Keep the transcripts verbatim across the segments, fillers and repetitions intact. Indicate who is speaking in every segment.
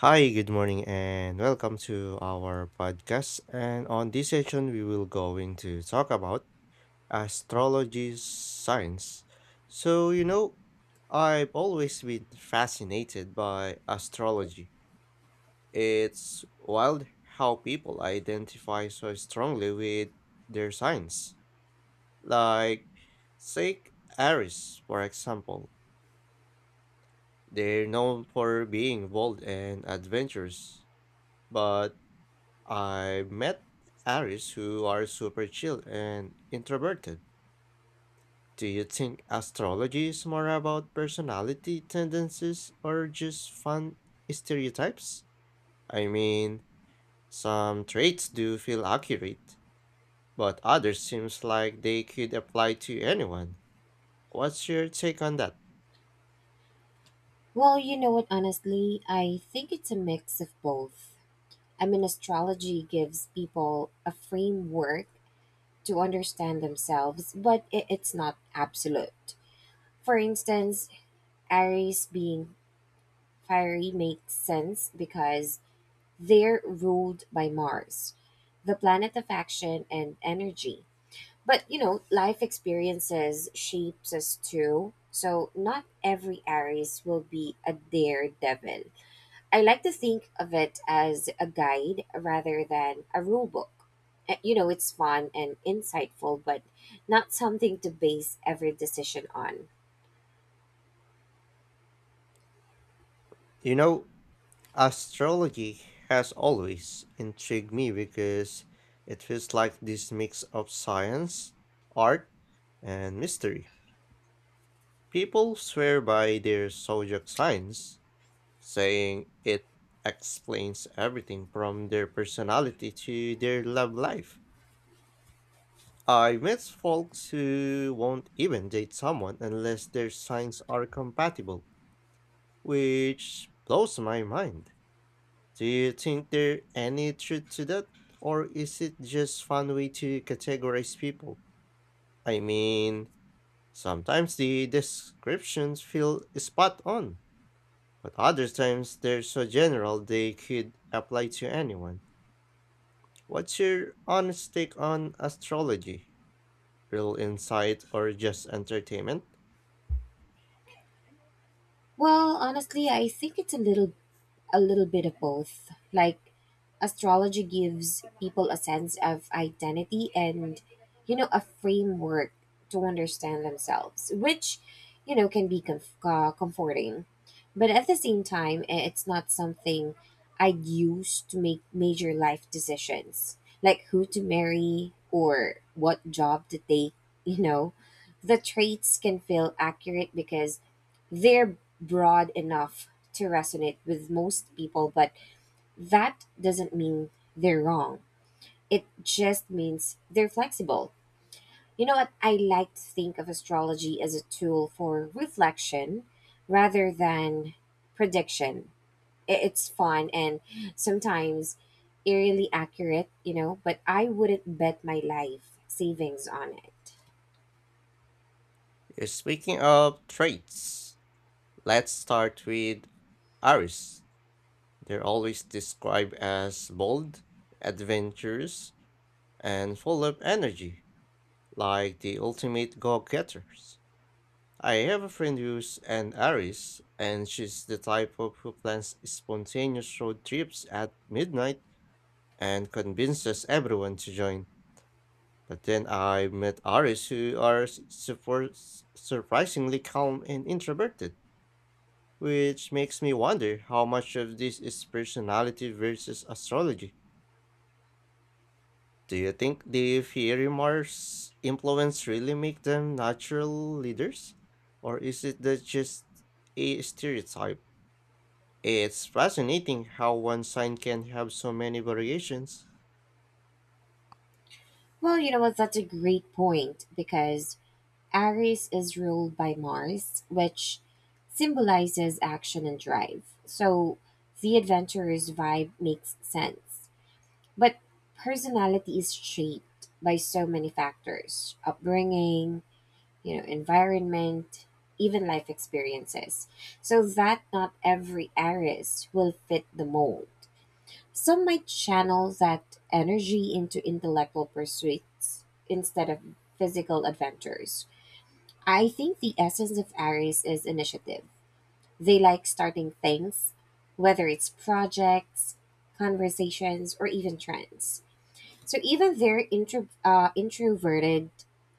Speaker 1: Hi, good morning, and welcome to our podcast. And on this session, we will going to talk about astrology science. So, you know, I've always been fascinated by astrology. It's wild how people identify so strongly with their signs. Like, take Aries, for example. They're known for being bold and adventurous, but I met Aries who are super chill and introverted. Do you think astrology is more about personality tendencies or just fun stereotypes? I mean, some traits do feel accurate, but others seems like they could apply to anyone. What's your take on that?
Speaker 2: Well, you know what, honestly, I think it's a mix of both. I mean, astrology gives people a framework to understand themselves, but it, it's not absolute. For instance, Aries being fiery makes sense because they're ruled by Mars, the planet of action and energy. But, you know, life experiences shapes us too. So, not every Aries will be a daredevil. I like to think of it as a guide rather than a rule book. Uh, You know, it's fun and insightful, but not something to base every decision on.
Speaker 1: You know, Astrology has always intrigued me because it feels like this mix of science, art, and mystery. People swear by their zodiac signs, saying it explains everything from their personality to their love life. I met folks who won't even date someone unless their signs are compatible, which blows my mind. Do you think there any truth to that, or is it just fun way to categorize people? I mean, sometimes the descriptions feel spot on, but other times they're so general they could apply to anyone. What's your honest take on astrology? Real insight or just entertainment?
Speaker 2: Well, honestly, I think it's a little a little bit of both. Like astrology gives people a sense of identity and you know a framework to understand themselves, which you know can be comf- uh, comforting. But at the same time, i- it's not something I'd use to make major life decisions, like who to marry or what job to take. you know. The traits can feel accurate because they're broad enough to resonate with most people, but that doesn't mean they're wrong. It just means they're flexible. You know what? I like to think of astrology as a tool for reflection rather than prediction. I- It's fun and sometimes eerily accurate, you know, but I wouldn't bet my life savings on it.
Speaker 1: Speaking of traits, let's start with Aries. They're always described as bold, adventurous, and full of energy, like the ultimate go getters. I have a friend who's an Aries, and she's the type of who plans spontaneous road trips at midnight and convinces everyone to join. But then I met Aries who are s- surpor- s- surprisingly calm and introverted, which makes me wonder how much of this is personality versus astrology. Do you think the fiery Mars influence really make them natural leaders? Or is it the just a stereotype? It's fascinating how one sign can have so many variations.
Speaker 2: Well, you know what? That's a great point because Aries is ruled by Mars, which symbolizes action and drive. So the adventurer's vibe makes sense. But personality is shaped by so many factors upbringing, you know, environment, even life experiences. So that not every Aries will fit the mold. Some might channel that energy into intellectual pursuits instead of physical adventures. I think the essence of Aries is initiative. They like starting things, whether it's projects, conversations, or even trends. So even they're intro, uh, introverted,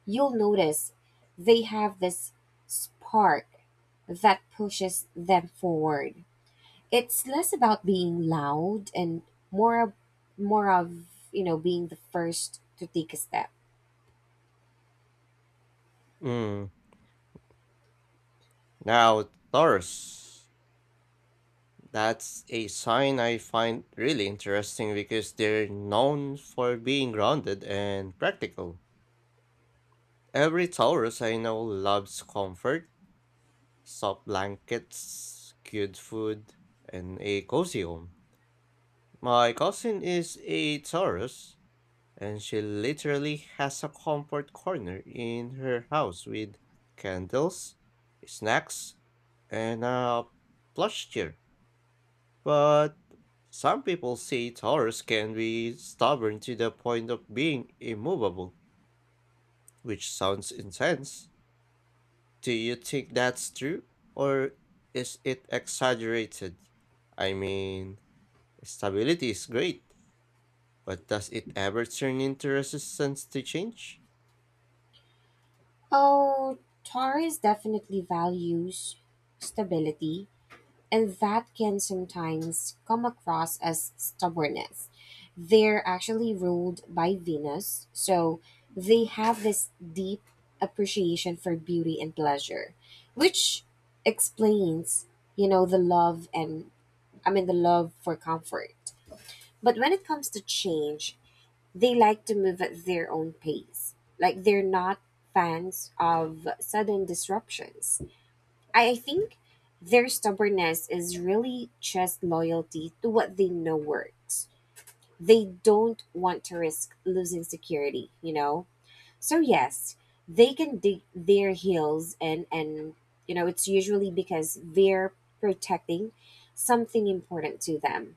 Speaker 2: you'll notice they have this spark that pushes them forward. It's less about being loud and more of, more of you know being the first to take a step.
Speaker 1: Mm, Now, Taurus. That's a sign I find really interesting because they're known for being grounded and practical. Every Taurus I know loves comfort, soft blankets, good food, and a cozy home. My cousin is a Taurus, and she literally has a comfort corner in her house with candles, snacks, and a plush chair. But some people say Taurus can be stubborn to the point of being immovable, which sounds intense. Do you think that's true? Or is it exaggerated? I mean, stability is great, but does it ever turn into resistance to change?
Speaker 2: Oh, Taurus definitely values stability and that can sometimes come across as stubbornness. They're actually ruled by Venus, so they have this deep appreciation for beauty and pleasure, which explains, you know, the love and, I mean, the love for comfort. But when it comes to change, they like to move at their own pace. Like they're not fans of sudden disruptions. I think their stubbornness is really just loyalty to what they know works. They don't want to risk losing security, you know? So, yes, they can dig their heels, and, and you know, it's usually because they're protecting something important to them.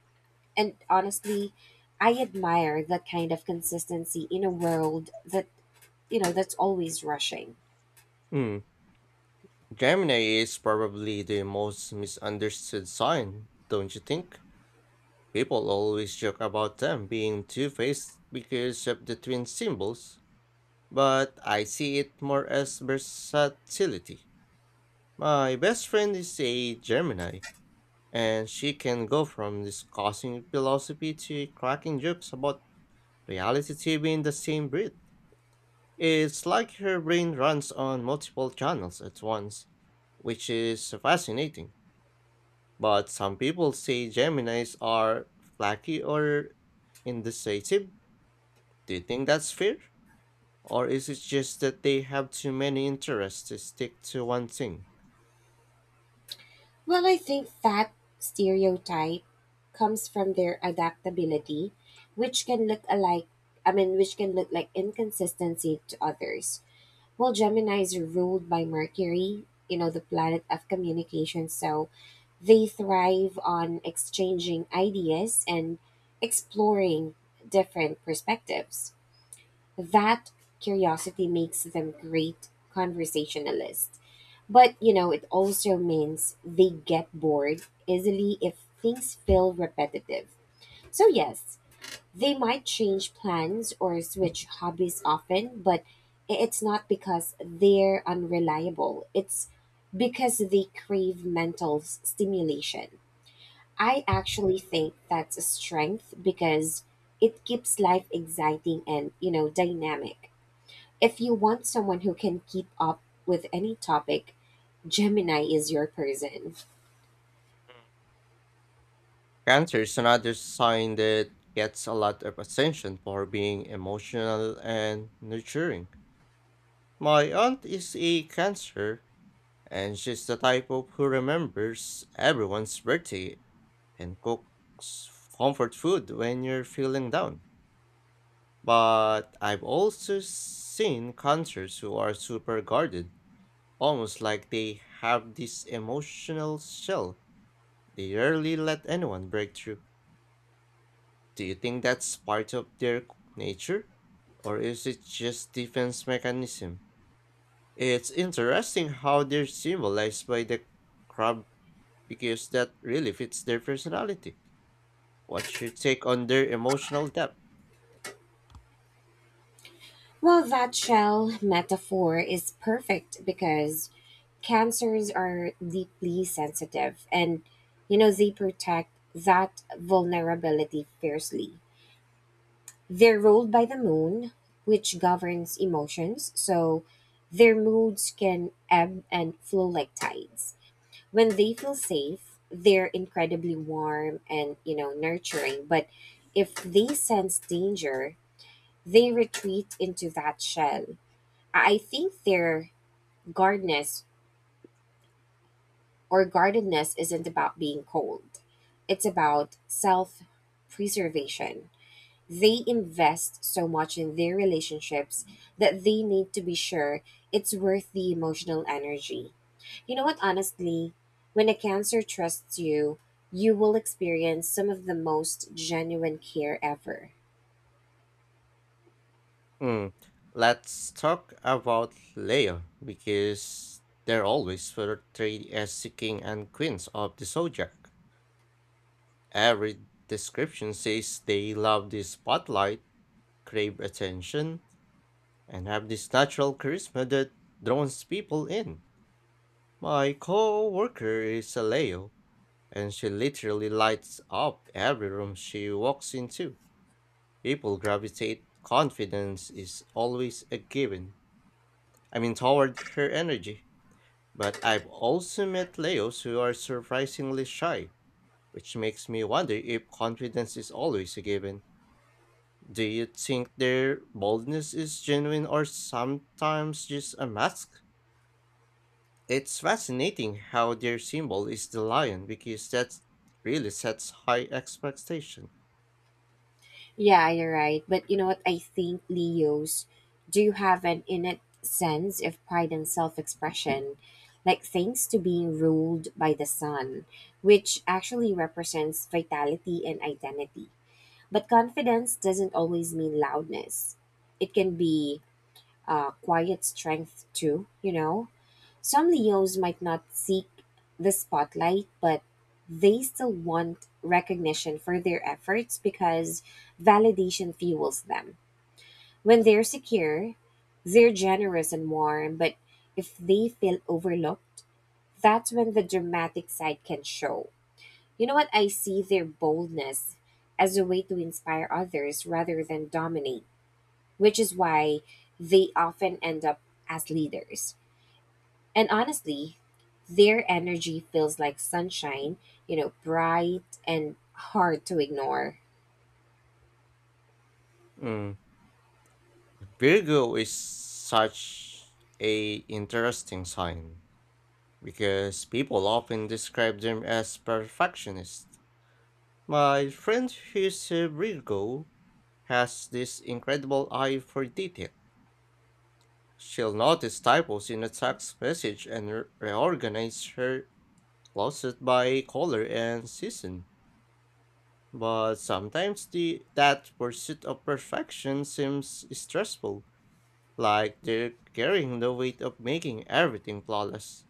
Speaker 2: And honestly, I admire that kind of consistency in a world that, you know, that's always rushing.
Speaker 1: Hmm, Gemini is probably the most misunderstood sign, don't you think? People always joke about them being two faced because of the twin symbols, but I see it more as versatility. My best friend is a Gemini, and she can go from discussing philosophy to cracking jokes about reality T V in the same breath. It's like her brain runs on multiple channels at once, which is fascinating. But some people say Geminis are flaky or indecisive. Do you think that's fair? Or is it just that they have too many interests to stick to one thing?
Speaker 2: Well, I think that stereotype comes from their adaptability, which can look alike, I mean, which can look like inconsistency to others. Well, Gemini is ruled by Mercury, you know, the planet of communication, so they thrive on exchanging ideas and exploring different perspectives. That curiosity makes them great conversationalists. But, you know, it also means they get bored easily if things feel repetitive. So, yes, they might change plans or switch hobbies often, but i- it's not because they're unreliable. It's because they crave mental s- stimulation. I actually think that's a strength because it keeps life exciting and, you know, dynamic. If you want someone who can keep up with any topic, Gemini is your person.
Speaker 1: Cancer is another sign that gets a lot of attention for being emotional and nurturing. My aunt is a Cancer, and she's the type of who remembers everyone's birthday and cooks comfort food when you're feeling down. But I've also seen Cancers who are super guarded, almost like they have this emotional shell. They rarely let anyone break through. Do you think that's part of their nature? Or is it just defense mechanism? It's interesting how they're symbolized by the crab because that really fits their personality. What's your take on their emotional depth?
Speaker 2: Well, that shell metaphor is perfect because cancers are deeply sensitive and you know they protect that vulnerability fiercely. They're ruled by the moon, which governs emotions, so their moods can ebb and flow like tides. When they feel safe, they're incredibly warm and, you know, nurturing. But if they sense danger, they retreat into that shell. I I think their guardedness or guardedness isn't about being cold. It's about self preservation. They invest so much in their relationships that they need to be sure it's worth the emotional energy. You know what, honestly, when a cancer trusts you, you will experience some of the most genuine care ever.
Speaker 1: Mm. Let's talk about Leo because they're always portrayed as the king and queens of the zodiac. Every description says they love the spotlight, crave attention, and have this natural charisma that draws people in. My co-worker is a Leo, and she literally lights up every room she walks into. People gravitate. Confidence is always a given. I mean, toward her energy. But I've also met Leos who are surprisingly shy, which makes me wonder if confidence is always a given. Do you think their boldness is genuine or sometimes just a mask? It's fascinating how their symbol is the lion because that really sets high expectation.
Speaker 2: Yeah, you're right. But you know what? I think Leos do have an innate sense of pride and self expression, like thanks to being ruled by the sun, which actually represents vitality and identity. But confidence doesn't always mean loudness, it can be uh, quiet strength too, you know? Some Leos might not seek the spotlight, but they still want recognition for their efforts because validation fuels them. When they're secure, they're generous and warm, but if they feel overlooked, that's when the dramatic side can show. You know what? I see their boldness as a way to inspire others rather than dominate, which is why they often end up as leaders. And honestly, their energy feels like sunshine, you know, bright and hard to ignore.
Speaker 1: Mm, Virgo is such a interesting sign because people often describe them as perfectionist. My friend who's a Virgo has this incredible eye for detail. She'll notice typos in the text message and re- reorganize her closet by color and season. But sometimes the that pursuit of perfection seems stressful, like they're carrying the weight of making everything flawless.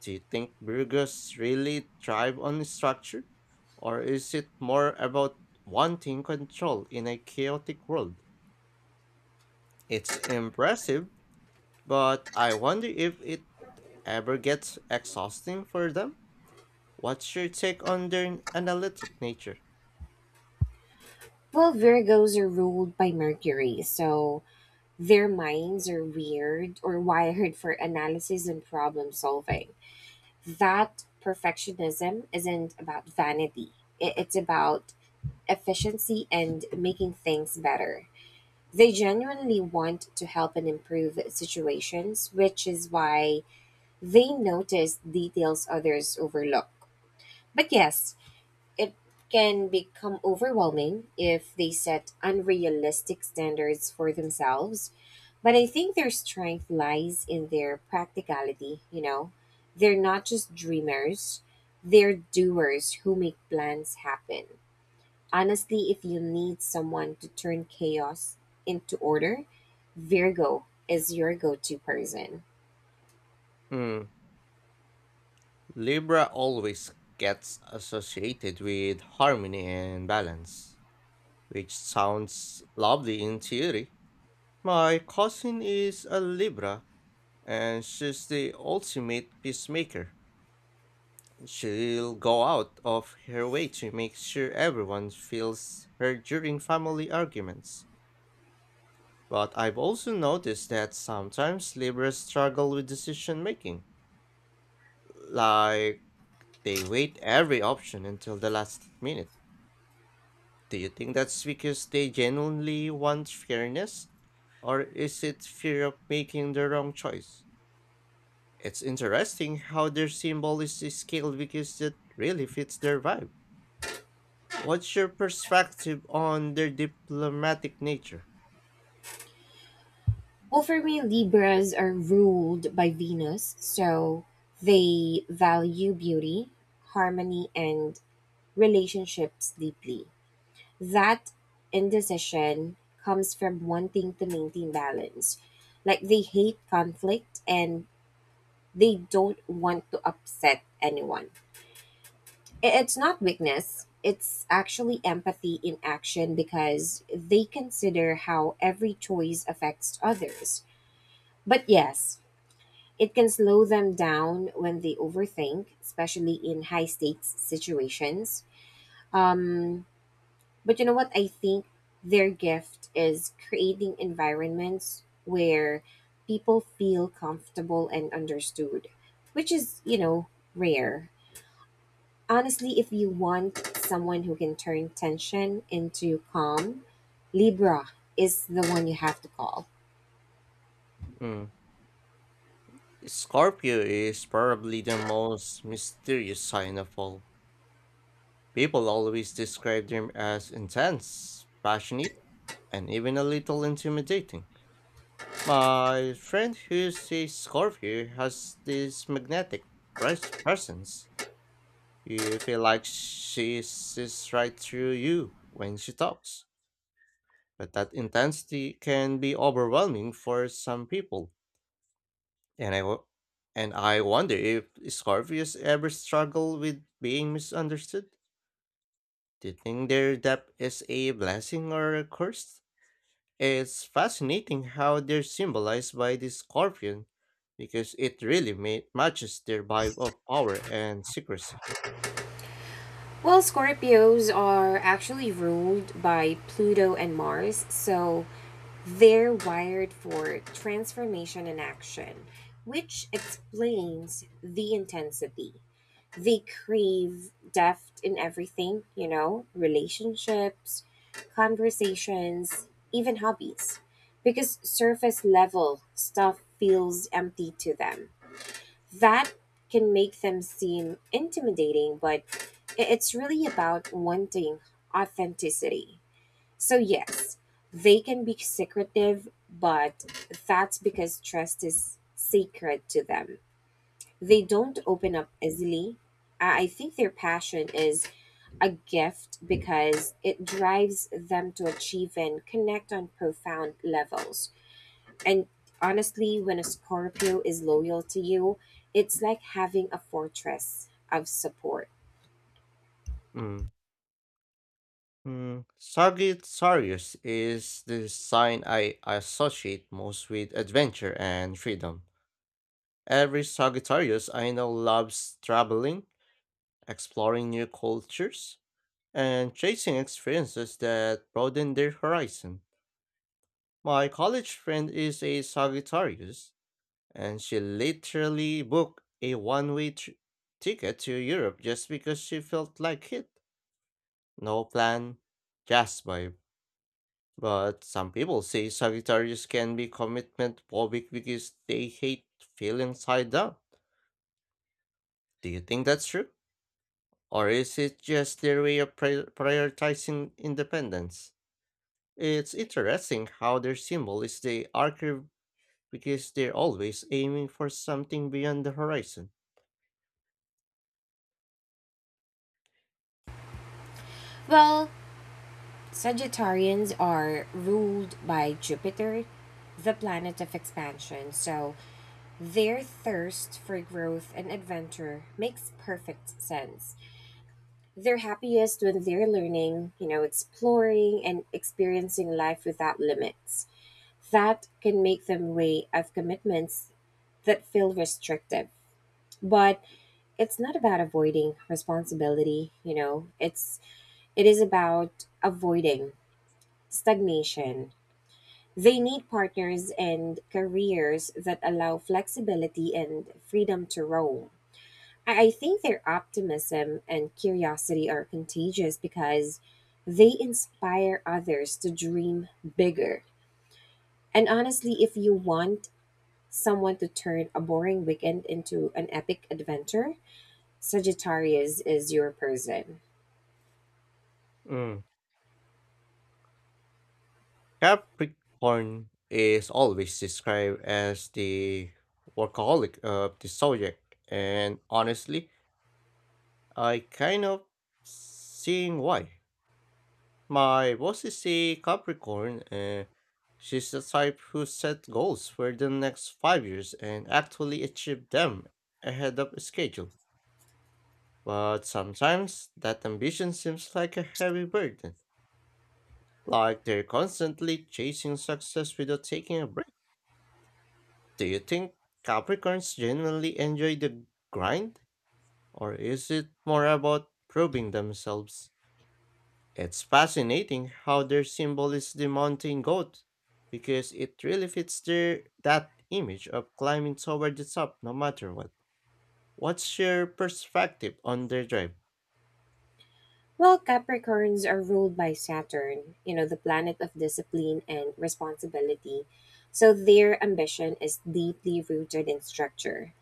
Speaker 1: Do you think Burgos really thrive on structure? Or is it more about wanting control in a chaotic world? It's impressive, but I wonder if it ever gets exhausting for them? What's your take on their analytic nature?
Speaker 2: Well, Virgos are ruled by Mercury, so their minds are weird or wired for analysis and problem solving. That perfectionism isn't about vanity, i- it's about efficiency and making things better. They genuinely want to help and improve situations, which is why They notice details others overlook. But yes, it can become overwhelming if they set unrealistic standards for themselves. But I think their strength lies in their practicality, you know? They're not just dreamers, they're doers who make plans happen. Honestly, if you need someone to turn chaos into order, Virgo is your go to person.
Speaker 1: Hmm, Libra always gets associated with harmony and balance, which sounds lovely in theory. My cousin is a Libra, and she's the ultimate peacemaker. She'll go out of her way to make sure everyone feels her during family arguments. But I've also noticed that sometimes laborers struggle with decision making. Like, they wait every option until the last minute. Do you think that's because they genuinely want fairness? Or is it fear of making the wrong choice? It's interesting how their symbol is scaled because it really fits their vibe. What's your perspective on their diplomatic nature?
Speaker 2: Well, for me, Libras are ruled by Venus, so they value beauty, harmony, and relationships deeply. That indecision comes from wanting to maintain balance. Like they hate conflict and they don't want to upset anyone. I- It's not weakness, it's actually empathy in action because they consider how every choice affects others. But yes, It can slow them down when they overthink, especially in high stakes situations. Um, but you know what? I think their gift is creating environments where people feel comfortable and understood, which is, you know, rare. Honestly, if you want someone who can turn tension into calm, Libra is the one you have to call.
Speaker 1: Mm. Scorpio is probably the most mysterious sign of all. People always describe them as intense, passionate, and even a little intimidating. My friend who's a Scorpio has this magnetic pres- presence. You feel like she sees right through you when she talks. But that intensity can be overwhelming for some people. And I, wo- and I wonder if Scorpios ever struggle with being misunderstood. Do you think their depth is a blessing or a curse? It's fascinating how they're symbolized by the scorpion because it really ma- matches their vibe of power and secrecy.
Speaker 2: Well, Scorpios are actually ruled by Pluto and Mars, so they're wired for transformation and action, which explains the intensity. They crave depth in everything, you know, relationships, conversations, even hobbies, because surface level stuff feels empty to them. That can make them seem intimidating, but i- it's really about wanting authenticity. So, yes, they can be secretive, but that's because trust is sacred to them. They don't open up easily. I I think their passion is a gift because it drives them to achieve and connect on profound levels, and honestly, when a Scorpio is loyal to you, it's like having a fortress of support.
Speaker 1: Mm. Mm. Sagittarius is the sign I associate most with adventure and freedom. Every Sagittarius I know loves traveling, exploring new cultures, and chasing experiences that broaden their horizon. My college friend is a Sagittarius, and she literally booked a one way ticket to Europe just because she felt like it. No plan, just vibe. But some people say Sagittarius can be commitment phobic because they hate feeling tied down. Do you think that's true? Or is it just their way of pri- prioritizing independence? It's interesting how their symbol is the archer because they're always aiming for something beyond the horizon.
Speaker 2: Well, Sagittarians are ruled by Jupiter, the planet of expansion, so their thirst for growth and adventure makes perfect sense. They're happiest when they're learning, you know, exploring and experiencing life without limits. That can make them wary of commitments that feel restrictive. But it's not about avoiding responsibility, you know it's it is about avoiding stagnation. They need partners and careers that allow flexibility and freedom to roam. I, I think their optimism and curiosity are contagious because they inspire others to dream bigger. And honestly, if you want someone to turn a boring weekend into an epic adventure, Sagittarius is your person.
Speaker 1: Mm. Capricorn is always described as the workaholic of the zodiac, and honestly, I kind of seeing why. My boss is a Capricorn, and she's the type who set goals for the next five years and actually achieve them ahead of schedule. But sometimes that ambition seems like a heavy burden, like they're constantly chasing success without taking a break. Do you think Capricorns genuinely enjoy the grind? Or is it more about proving themselves? It's fascinating how their symbol is the mountain goat, because it really fits their that image of climbing toward the top no matter what. What's your perspective on their drive?
Speaker 2: Well, Capricorns are ruled by Saturn, you know, the planet of discipline and responsibility. So their ambition is deeply rooted in structure.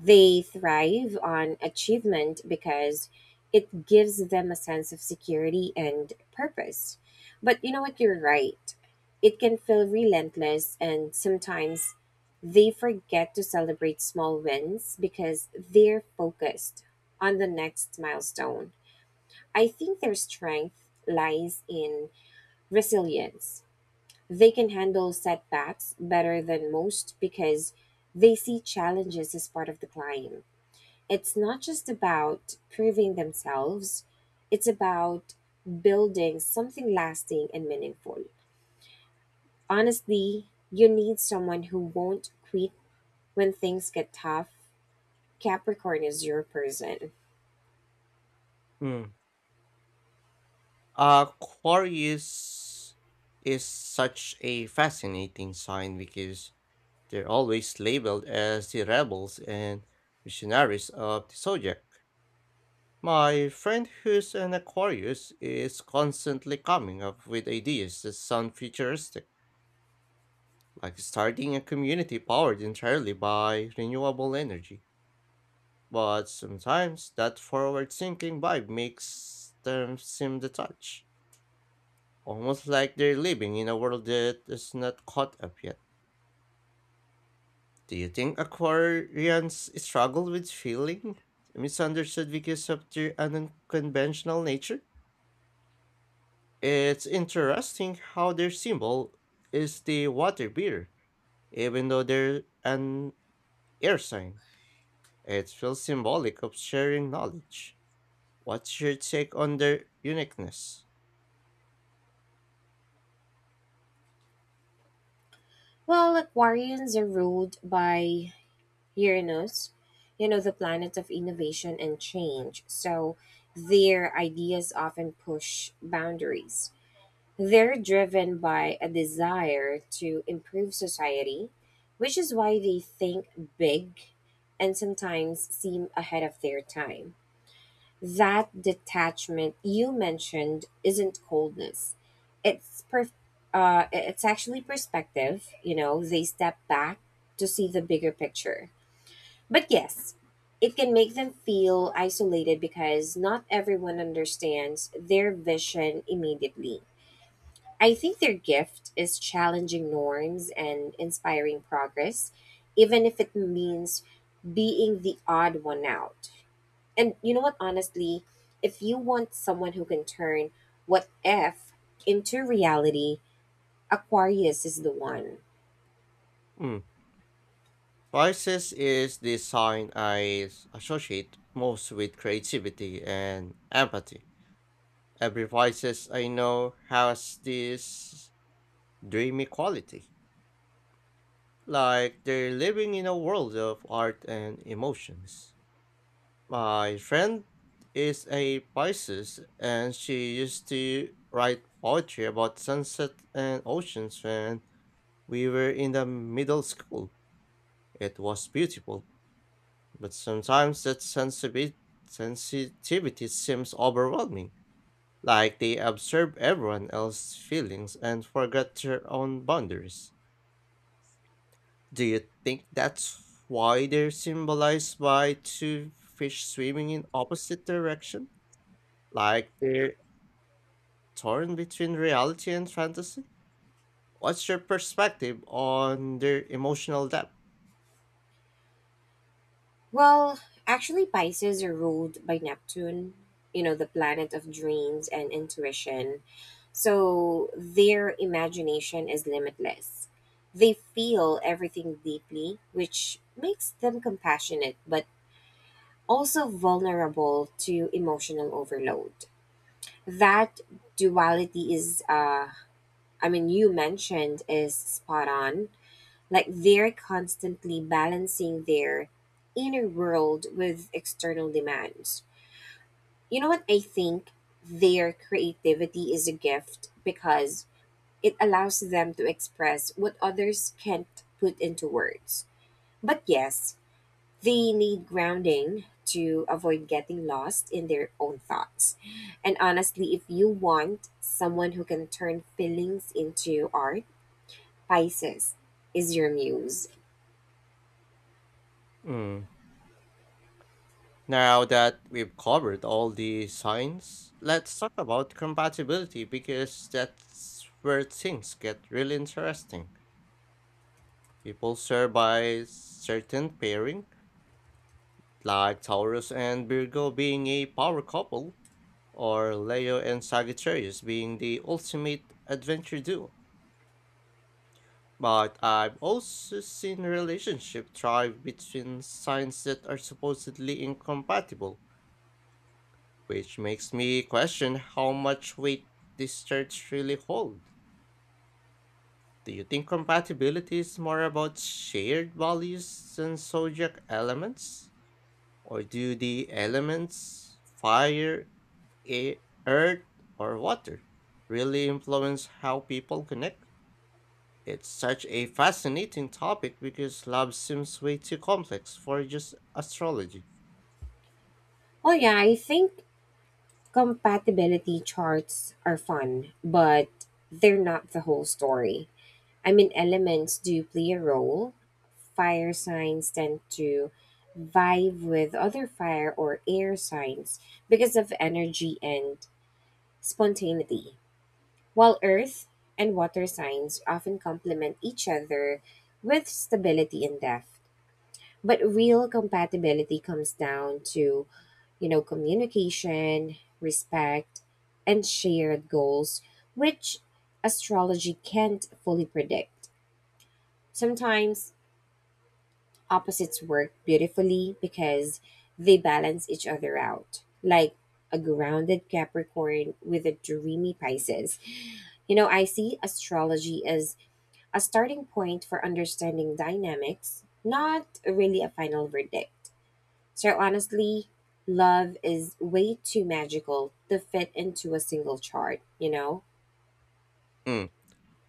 Speaker 2: They thrive on achievement because it gives them a sense of security and purpose. But you know what? You're right. It can feel relentless, and sometimes they forget to celebrate small wins because they're focused on the next milestone. I think their strength lies in resilience. They can handle setbacks better than most because they see challenges as part of the climb. It's not just about proving themselves, it's about building something lasting and meaningful. Honestly, you need someone who won't quit when things get tough. Capricorn is your person.
Speaker 1: Mm. Aquarius is such a fascinating sign because they're always labeled as the rebels and missionaries of the zodiac. My friend who's an Aquarius is constantly coming up with ideas that sound futuristic, like starting a community powered entirely by renewable energy. But sometimes that forward thinking vibe makes them seem detached, almost like they're living in a world that is not caught up yet. Do you think Aquarians struggle with feeling misunderstood because of their unconventional nature? It's interesting how their symbol is the water beer, even though they're an air sign. It feels symbolic of sharing knowledge. What's your take on their uniqueness?
Speaker 2: Well, Aquarians are ruled by Uranus, you know, the planet of innovation and change. So their ideas often push boundaries. They're driven by a desire to improve society, which is why they think big and sometimes seem ahead of their time. That detachment you mentioned isn't coldness. It's per- uh, it's actually perspective. You know, they step back to see the bigger picture. But yes, it can make them feel isolated because not everyone understands their vision immediately. I think their gift is challenging norms and inspiring progress, even if it means being the odd one out. And you know what, honestly, if you want someone who can turn what if into reality, Aquarius is the one.
Speaker 1: Hmm. Pisces is the sign I associate most with creativity and empathy. Every voices I know has this dreamy quality, like they're living in a world of art and emotions. My friend is a Pisces and she used to write poetry about sunset and oceans when we were in the middle school. It was beautiful, but sometimes that sensibi- sensitivity seems overwhelming, like they observe everyone else's feelings and forget their own boundaries. Do you think that's why they're symbolized by two fish swimming in opposite direction? Like they're torn between reality and fantasy? What's your perspective on their emotional depth?
Speaker 2: Well, actually, Pisces are ruled by Neptune, you know, the planet of dreams and intuition. So their imagination is limitless. They feel everything deeply, which makes them compassionate, but also vulnerable to emotional overload. That duality is, uh, I mean, you mentioned is spot on. Like they're constantly balancing their inner world with external demands. You know what? I think their creativity is a gift because it allows them to express what others can't put into words. But yes, they need grounding to avoid getting lost in their own thoughts. And honestly, if you want someone who can turn feelings into art, Pisces is your muse.
Speaker 1: Mm. Now that we've covered all the signs, let's talk about compatibility because that's where things get really interesting. People swear by certain pairing, like Taurus and Virgo being a power couple, or Leo and Sagittarius being the ultimate adventure duo. But I've also seen relationship thrive between signs that are supposedly incompatible, which makes me question how much weight these charts really hold. Do you think compatibility is more about shared values than zodiac elements? Or do the elements, fire, air, earth, or water, really influence how people connect? It's such a fascinating topic because love seems way too complex for just astrology.
Speaker 2: Well, yeah, I think Compatibility charts are fun, but they're not the whole story. I mean, elements do play a role. Fire signs tend to vibe with other fire or air signs because of energy and spontaneity, while earth and water signs often complement each other with stability and depth. But real compatibility comes down to you know, communication, respect, and shared goals, which astrology can't fully predict. Sometimes opposites work beautifully because they balance each other out, like a grounded Capricorn with a dreamy Pisces. You know, I see astrology as a starting point for understanding dynamics, not really a final verdict. So honestly, love is way too magical to fit into a single chart, you know?
Speaker 1: Mm.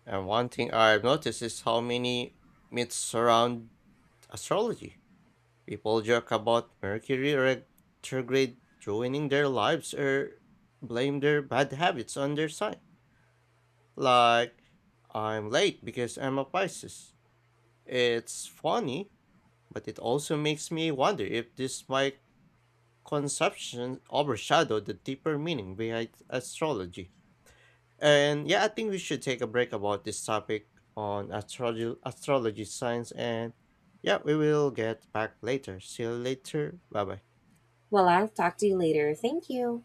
Speaker 1: And one thing I've noticed is how many myths surround astrology. People joke about Mercury retrograde ruining their lives or blame their bad habits on their sign. Like, I'm late because I'm a Pisces. It's funny, but it also makes me wonder if this my conception overshadowed the deeper meaning behind astrology. And yeah, I think we should take a break about this topic on astrology, astrology science. And yeah, we will get back later. See you later. Bye bye.
Speaker 2: Well, I'll talk to you later. Thank you.